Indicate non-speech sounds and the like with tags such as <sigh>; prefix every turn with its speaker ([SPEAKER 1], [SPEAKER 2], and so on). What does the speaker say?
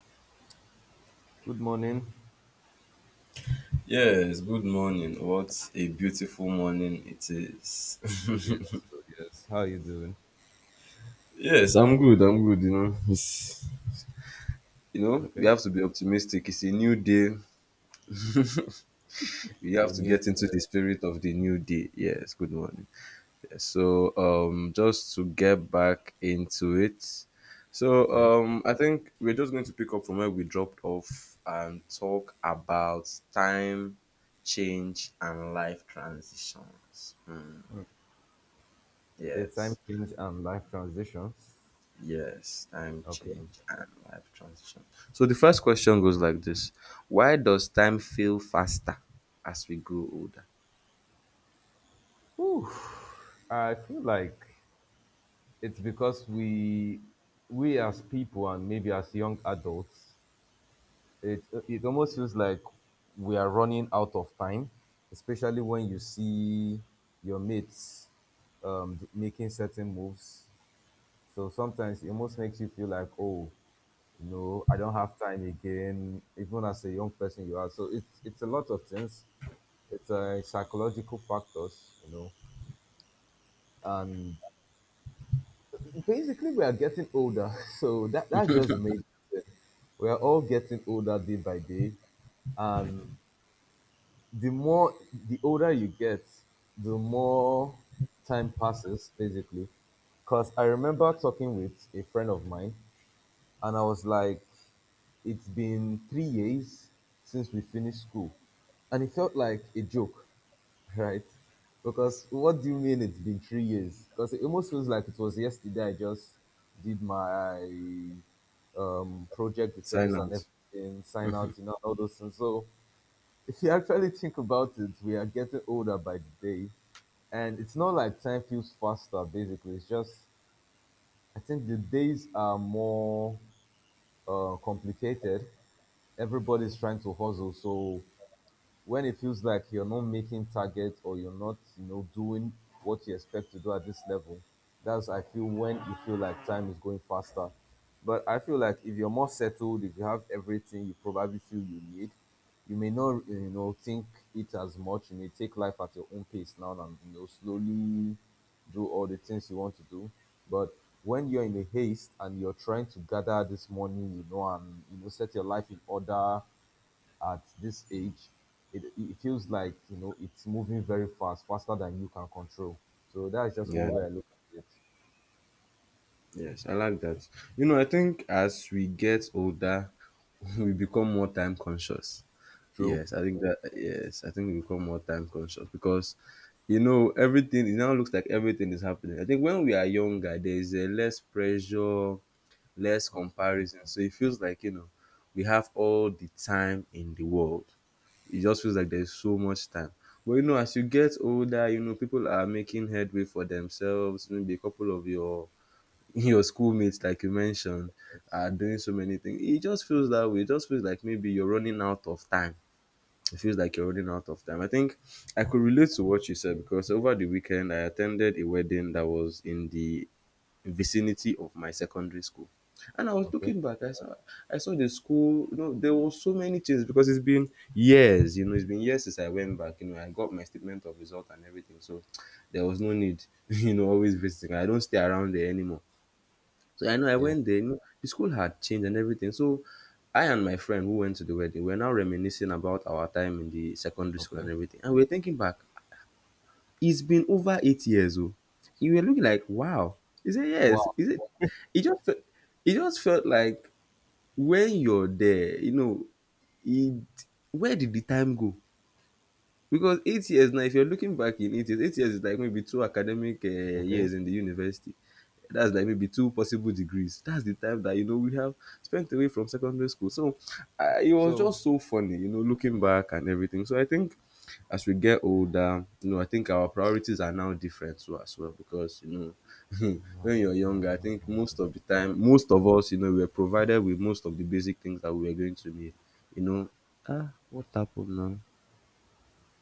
[SPEAKER 1] Good morning.
[SPEAKER 2] Yes, good morning. What a beautiful morning it is.
[SPEAKER 1] Yes, yes. How are you doing?
[SPEAKER 2] <laughs> Yes, I'm good. I'm good. You know, it's we
[SPEAKER 1] Okay.
[SPEAKER 2] have to be optimistic. It's a new day.
[SPEAKER 1] Okay,
[SPEAKER 2] We have to
[SPEAKER 1] new
[SPEAKER 2] get into the spirit of the new day. Yes, good morning. Yes, just to get back into it.
[SPEAKER 1] Okay.
[SPEAKER 2] I think we're just going to pick up from where we dropped off and talk about time, change, and life transitions. Hmm.
[SPEAKER 1] The time
[SPEAKER 2] Yes.
[SPEAKER 1] change and life transitions.
[SPEAKER 2] Yes, time
[SPEAKER 1] Okay.
[SPEAKER 2] change and life transition. So the first question goes like this. Why does time feel faster as we grow older?
[SPEAKER 1] Whew. I feel like it's because we as people and maybe as young adults, it almost feels like we are running out of time, especially when you see your mates making certain moves. So sometimes it almost makes you feel like, oh, no, I don't have time again. Even as a young person, you are so it's a lot of things. It's psychological factors, you know, and basically we are getting older. <laughs> So that's just the main thing. We are all getting older day by day, and the more the older you get, the more time passes basically. Because I remember talking with a friend of mine, and I was like, it's been 3 years since we finished school, and it felt like a joke, <laughs> right? Because what do you mean it's been 3 years? Because it almost feels like it was yesterday I just did my project
[SPEAKER 2] Sign
[SPEAKER 1] defense and
[SPEAKER 2] out.
[SPEAKER 1] everything, sign out, you know, all those things. So if you actually think about it, we are getting older by the day. And it's not like time feels faster, basically. It's just, I think the days are more complicated. Everybody's trying to hustle, so when it feels like you're not making target or you're not, you know, doing what you expect to do at this level, that's, I feel, when you feel like time is going faster. But I feel like if you're more settled, if you have everything you probably feel you need, you may not, you know, think it as much. You may take life at your own pace now and, you know, slowly do all the things you want to do. But when you're in a haste and you're trying to gather this money, you know, and, you know, set your life in order at this age, it feels like, you know, it's moving very fast, faster than you can control. So that's just
[SPEAKER 2] Yeah.
[SPEAKER 1] one way I look at it.
[SPEAKER 2] Yes, I like that. You know, I think as we get older, <laughs> we become more time conscious.
[SPEAKER 1] True.
[SPEAKER 2] Yes, I think that. Yes, I think we become more time conscious because, you know, everything, it now looks like everything is happening. I think when we are younger, there is a less pressure, less comparison, so it feels like we have all the time in the world. It just feels like there's so much time. But you know, as you get older, you know, people are making headway for themselves. Maybe a couple of your <laughs> your schoolmates, like you mentioned,
[SPEAKER 1] Yes.
[SPEAKER 2] are doing so many things. It just feels that way. It just feels like maybe you're running out of time. It feels like you're running out of time. I think I could relate to what you said because over the weekend I attended a wedding that was in the vicinity of my secondary school. And I was
[SPEAKER 1] Okay.
[SPEAKER 2] looking back, I saw the school, you know, there were so many changes because it's been years, you know, it's been years since I went back. You know, I got my statement of result and everything. So there was no need, <laughs> you know, always visiting. I don't stay around there anymore. So I know I
[SPEAKER 1] Yeah.
[SPEAKER 2] went there. You know, the school had changed and everything. So I and my friend who went to the wedding, we're now reminiscing about our time in the secondary school
[SPEAKER 1] Okay.
[SPEAKER 2] and everything. And we're thinking back, it's been over 8 years. Oh, you were looking like, wow. He said, yes.
[SPEAKER 1] Wow.
[SPEAKER 2] Is it? It just, it just felt like when you're there, you know, it, where did the time go? Because 8 years now, if you're looking back in 8 years, 8 years is like maybe two academic
[SPEAKER 1] Okay.
[SPEAKER 2] years in the university, that's like maybe two possible degrees. That's the time that you know we have spent away from secondary school. So it was
[SPEAKER 1] So
[SPEAKER 2] just so funny, you know, looking back and everything. So I think as we get older, you know, I think our priorities are now different too as well because you know <laughs>
[SPEAKER 1] mm,
[SPEAKER 2] when you're younger, I
[SPEAKER 1] don't
[SPEAKER 2] think
[SPEAKER 1] think I
[SPEAKER 2] most of the
[SPEAKER 1] could.
[SPEAKER 2] time, most of us, you know, we were provided with most of the basic things that we were going to need. You know, ah, what happened now?